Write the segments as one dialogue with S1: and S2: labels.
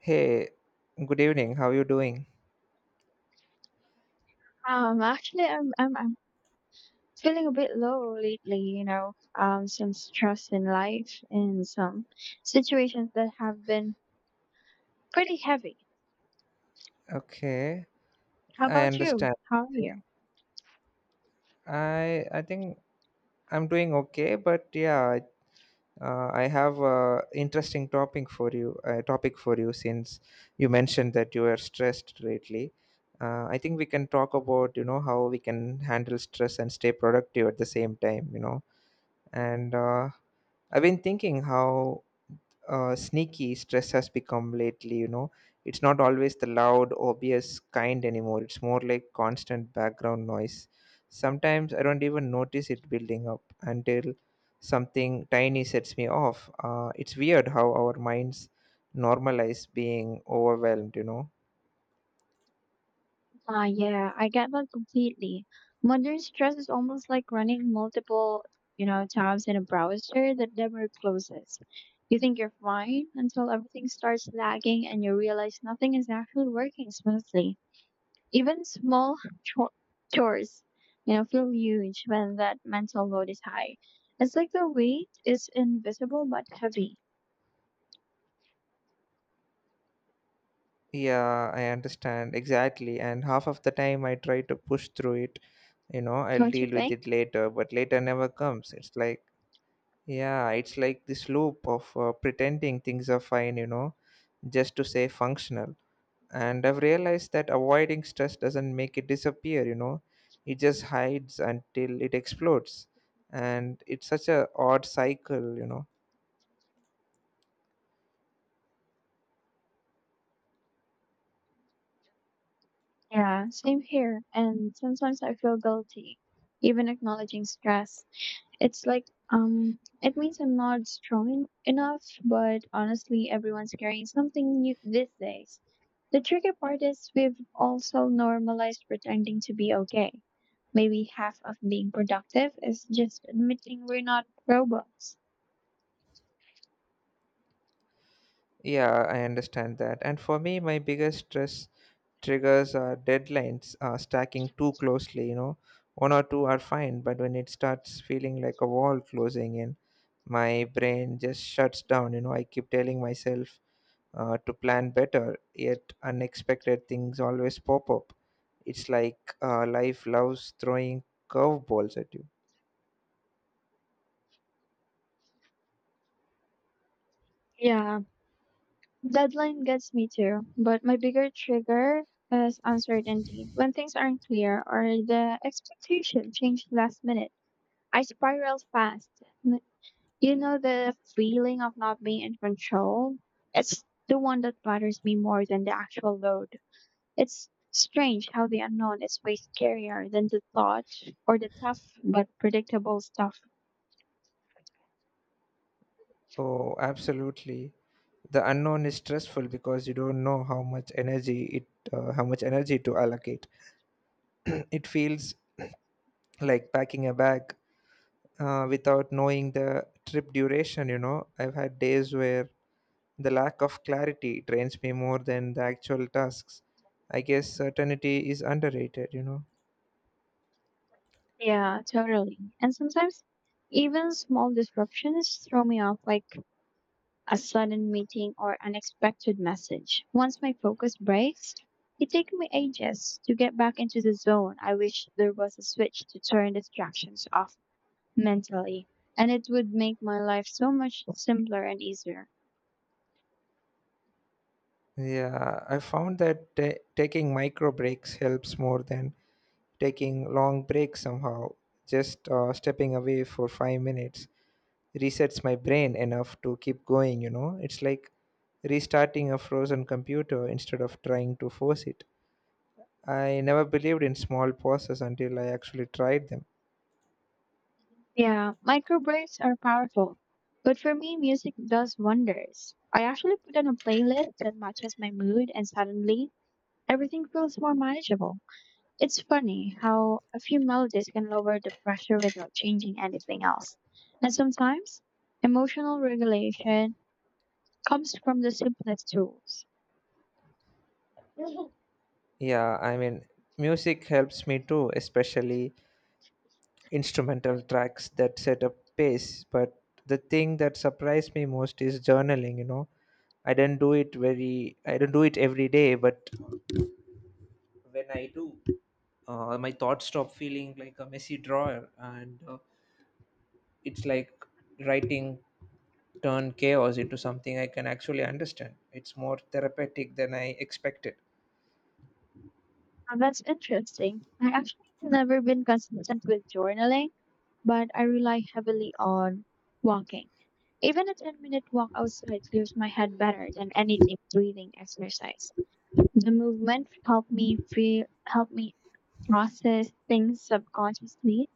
S1: Hey, good evening. How are you doing?
S2: Actually, I'm feeling a bit low lately, you know, some stress in life and some situations that have been pretty heavy.
S1: Okay,
S2: How
S1: I
S2: about you?
S1: understand.
S2: How are you?
S1: I think I'm doing okay, but yeah, I have a interesting topic for you. Topic for you since you mentioned that you are stressed lately. I think we can talk about how we can handle stress and stay productive at the same time. And I've been thinking how sneaky stress has become lately. It's not always the loud obvious kind anymore. It's more like constant background noise. Sometimes I don't even notice it building up until something tiny sets me off. It's weird how our minds normalize being overwhelmed.
S2: Yeah, I get that completely. Modern stress is almost like running multiple, you know, tabs in a browser that never closes. You think you're fine until everything starts lagging and you realize nothing is actually working smoothly. Even small cho- chores, you know, feel huge when that mental load is high. It's like the weight is invisible but heavy,
S1: Yeah, I understand exactly, and half of the time I try to push through it. I'll
S2: don't you
S1: deal with
S2: think?
S1: it later, but later never comes. It's like, yeah, it's like this loop of pretending things are fine, just to say functional. And I've realized that avoiding stress doesn't make it disappear. It just hides until it explodes. And it's such a odd cycle.
S2: Yeah, same here. And sometimes I feel guilty, even acknowledging stress. It's like, it means I'm not strong enough, but honestly, everyone's carrying something new these days. The tricky part is we've also normalized pretending to be okay. Maybe half of being productive is just admitting we're not robots.
S1: Yeah, I understand that. And for me, my biggest stress triggers are deadlines stacking too closely. You know, one or two are fine, but when it starts feeling like a wall closing in, my brain just shuts down. You know, I keep telling myself to plan better, yet unexpected things always pop up. It's like, life loves throwing curveballs at you.
S2: Yeah, deadline gets me too, but my bigger trigger is uncertainty. When things aren't clear or the expectation changed last minute. I spiral fast. N- You know the feeling of not being in control? It's the one that bothers me more than the actual load. It's strange how the unknown is way scarier than the thought or the tough but predictable stuff.
S1: Oh, absolutely. The unknown is stressful because you don't know how much energy it how much energy to allocate. It feels like packing a bag, without knowing the trip duration. I've had days where the lack of clarity drains me more than the actual tasks. I guess certainty is underrated.
S2: Yeah, totally. And sometimes even small disruptions throw me off, like a sudden meeting or unexpected message. Once my focus breaks, it takes me ages to get back into the zone. I wish there was a switch to turn distractions off mentally, and it would make my life so much simpler and easier.
S1: Yeah, I found that taking micro breaks helps more than taking long breaks somehow. Just stepping away for 5 minutes resets my brain enough to keep going, you know. It's like restarting a frozen computer instead of trying to force it. I never believed in small pauses until I actually tried them.
S2: Yeah, micro breaks are powerful, but for me, music does wonders. I actually put on a playlist that matches my mood, and suddenly everything feels more manageable. It's funny how a few melodies can lower the pressure without changing anything else. And sometimes emotional regulation comes from the simplest tools.
S1: Yeah, I mean, music helps me too, especially instrumental tracks that set a pace. But the thing that surprised me most is journaling, you know. I don't do it every day, but when I do, my thoughts stop feeling like a messy drawer, and it's like writing turned chaos into something I can actually understand. It's more therapeutic than I expected.
S2: Now, that's interesting. I actually have never been consistent with journaling, but I rely heavily on walking. Even a 10-minute walk outside clears my head better than any deep breathing exercise. The movement helped me feel help me process things subconsciously.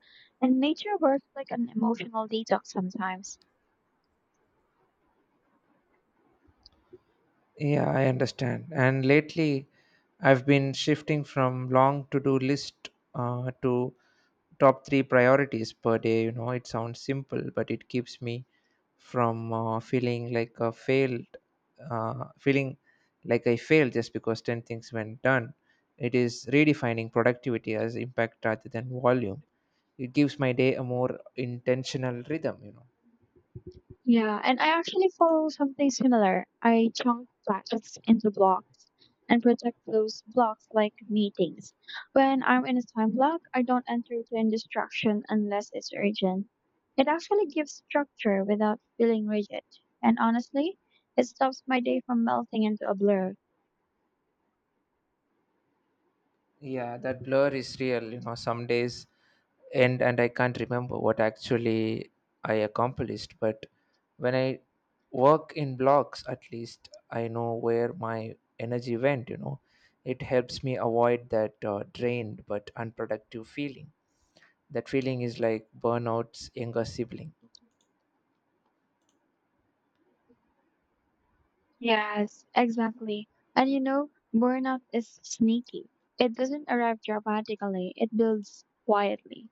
S2: And nature works like an emotional detox sometimes.
S1: Yeah, I understand. And lately, I've been shifting from long to do list to top three priorities per day. You know, it sounds simple, but it keeps me from feeling like I failed just because 10 things went done. It is redefining productivity as impact rather than volume. It gives my day a more intentional rhythm.
S2: Yeah, and I actually follow something similar. I chunk tasks into blocks and protect those blocks like meetings. When I'm in a time block, I don't entertain distraction unless it's urgent. It actually gives structure without feeling rigid. And honestly, it stops my day from melting into a blur.
S1: Yeah, that blur is real. You know, some days end and I can't remember what actually I accomplished. But when I work in blocks, at least I know where my energy went, you know. It helps me avoid that drained but unproductive feeling. That feeling is like burnout's younger sibling.
S2: Yes, exactly. And you know, burnout is sneaky. It doesn't arrive dramatically, it builds quietly.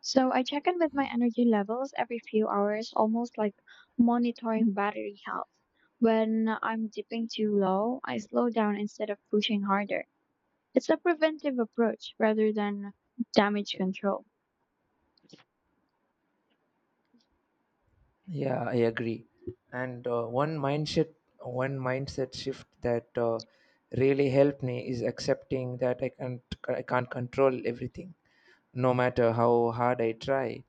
S2: So I check in with my energy levels every few hours, almost like monitoring battery health. When I'm dipping too low, I slow down instead of pushing harder. It's a preventive approach rather than damage control.
S1: Yeah, I agree. And one mindset shift that really helped me is accepting that I can't control everything, no matter how hard I try.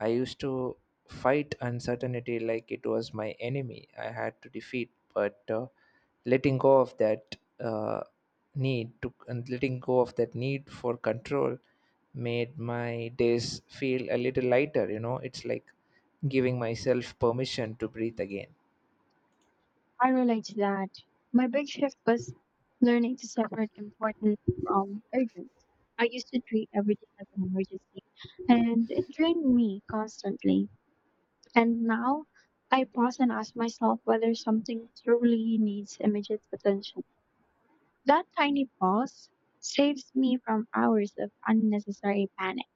S1: I used to fight uncertainty like it was my enemy I had to defeat, but letting go of that uh, letting go of that need for control made my days feel a little lighter. You know, it's like giving myself permission to breathe again.
S2: I relate to that. My big shift was learning to separate important from urgent. I used to treat everything like an emergency, and it drained me constantly. And now I pause and ask myself whether something truly needs immediate attention. That tiny pause saves me from hours of unnecessary panic.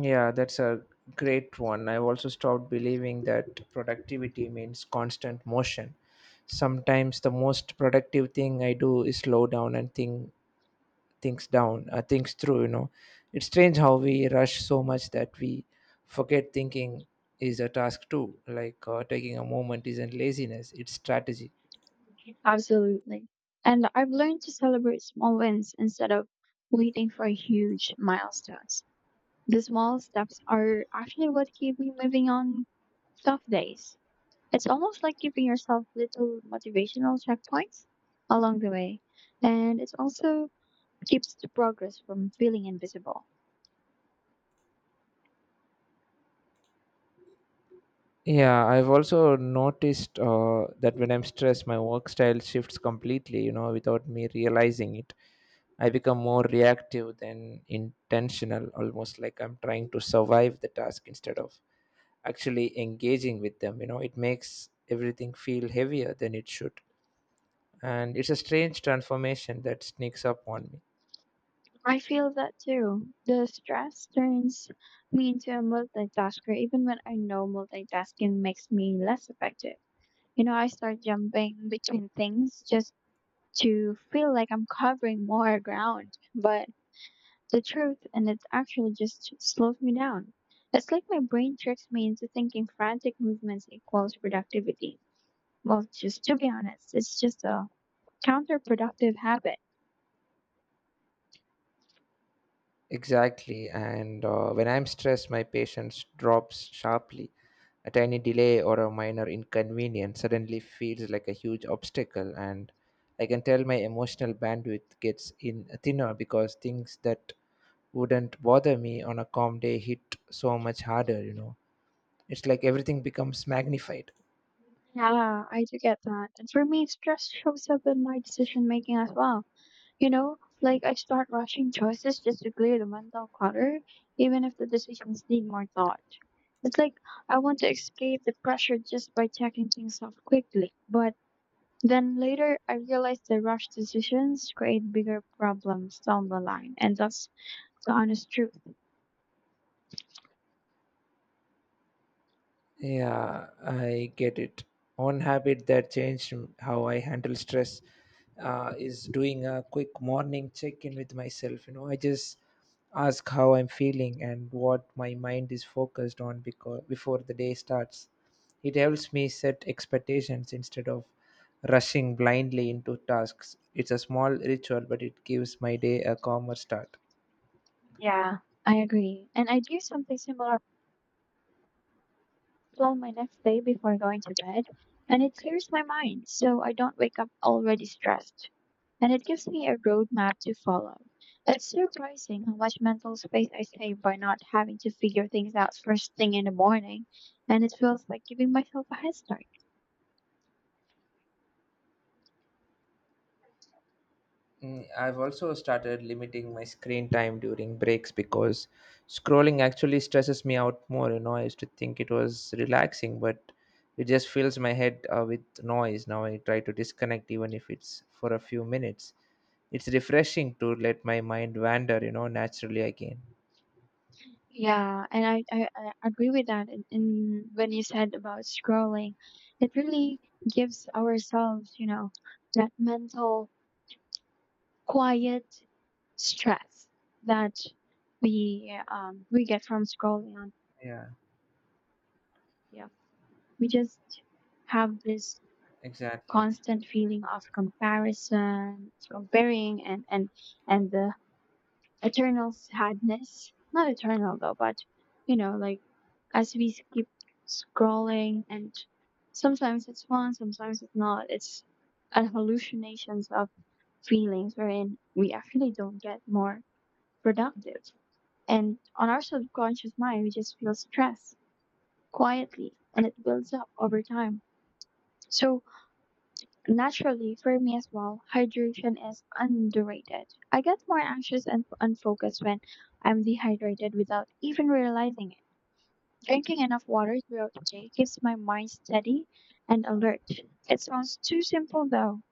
S1: Yeah, that's a great one. I've also stopped believing that productivity means constant motion. Sometimes the most productive thing I do is slow down and think things through, you know. It's strange how we rush so much that we forget thinking is a task too. Like, taking a moment isn't laziness, it's strategy.
S2: Absolutely. And I've learned to celebrate small wins instead of waiting for huge milestones. The small steps are actually what keep me moving on tough days. It's almost like giving yourself little motivational checkpoints along the way. And it also keeps the progress from feeling invisible.
S1: Yeah, I've also noticed that when I'm stressed, my work style shifts completely, you know, without me realizing it. I become more reactive than intentional, almost like I'm trying to survive the task instead of actually engaging with them. You know, it makes everything feel heavier than it should. And it's a strange transformation that sneaks up on me.
S2: I feel that too. The stress turns me into a multitasker even when I know multitasking makes me less effective. You know, I start jumping between things just to feel like I'm covering more ground. But the truth and it actually just slows me down. It's like my brain tricks me into thinking frantic movements equals productivity. Well, just to be honest, it's just a counterproductive habit.
S1: Exactly. And when I'm stressed, my patience drops sharply. A tiny delay or a minor inconvenience suddenly feels like a huge obstacle, and I can tell my emotional bandwidth gets in thinner because things that wouldn't bother me on a calm day hit so much harder, you know. It's like everything becomes magnified.
S2: Yeah, I do get that. And for me, stress shows up in my decision making as well. You know, like I start rushing choices just to clear the mental clutter, even if the decisions need more thought. It's like I want to escape the pressure just by checking things off quickly, but then later I realized the rushed decisions create bigger problems down the line, and that's the honest truth.
S1: Yeah, I get it. One habit that changed how I handle stress is doing a quick morning check in with myself. You know, I just ask how I'm feeling and what my mind is focused on because before the day starts. It helps me set expectations instead of rushing blindly into tasks. It's a small ritual, but it gives my day a calmer start.
S2: Yeah. I agree. And I do something similar, plan my next day before going to bed, and it clears my mind so I don't wake up already stressed. And it gives me a roadmap to follow. It's surprising how much mental space I save by not having to figure things out first thing in the morning, and it feels like giving myself a head start.
S1: Mm, I've also started limiting my screen time during breaks because scrolling actually stresses me out more. You know, I used to think it was relaxing, but it just fills my head with noise. Now I try to disconnect, even if it's for a few minutes. It's refreshing to let my mind wander, you know, naturally again.
S2: Yeah, and I agree with that. And when you said about scrolling, it really gives ourselves, you know, that mental quiet stress that we get from scrolling on.
S1: Yeah,
S2: Yeah, we just have this
S1: exactly.
S2: constant feeling of comparison, comparing, and the eternal sadness. Not eternal though, but you know, like as we keep scrolling, and sometimes it's fun, sometimes it's not. It's an hallucinations of feelings wherein we actually don't get more productive. And on our subconscious mind we just feel stress quietly and it builds up over time. So naturally, for me as well, hydration is underrated. I get more anxious and unfocused when I'm dehydrated without even realizing it. Drinking enough water throughout the day keeps my mind steady and alert. It sounds too simple though.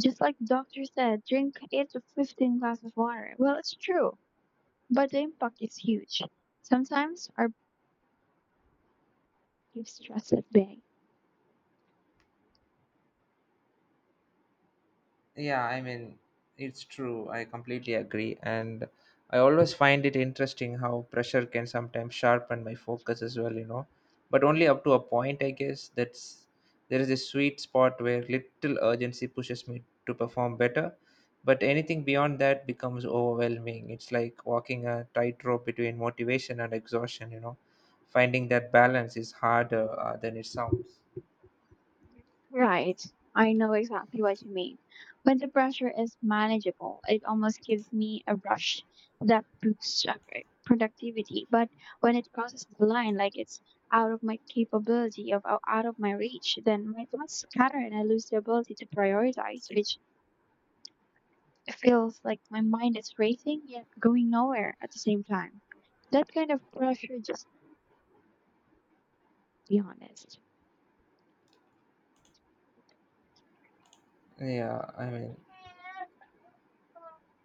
S2: Just like the doctor said, drink 8 to 15 glasses of water. Well, it's true, but the impact is huge. Sometimes our body stress is big.
S1: Yeah, I mean, it's true. I completely agree. And I always find it interesting how pressure can sometimes sharpen my focus as well, you know. But only up to a point, I guess. That's There is a sweet spot where little urgency pushes me to perform better. But anything beyond that becomes overwhelming. It's like walking a tightrope between motivation and exhaustion, you know. Finding that balance is harder than it sounds.
S2: Right. I know exactly what you mean. When the pressure is manageable, it almost gives me a rush that boosts up productivity. But when it crosses the line, like it's out of my capability of out of my reach, then my thoughts scatter and I lose the ability to prioritize, which feels like my mind is racing yet going nowhere at the same time. That kind of pressure, just to be honest.
S1: Yeah, I mean,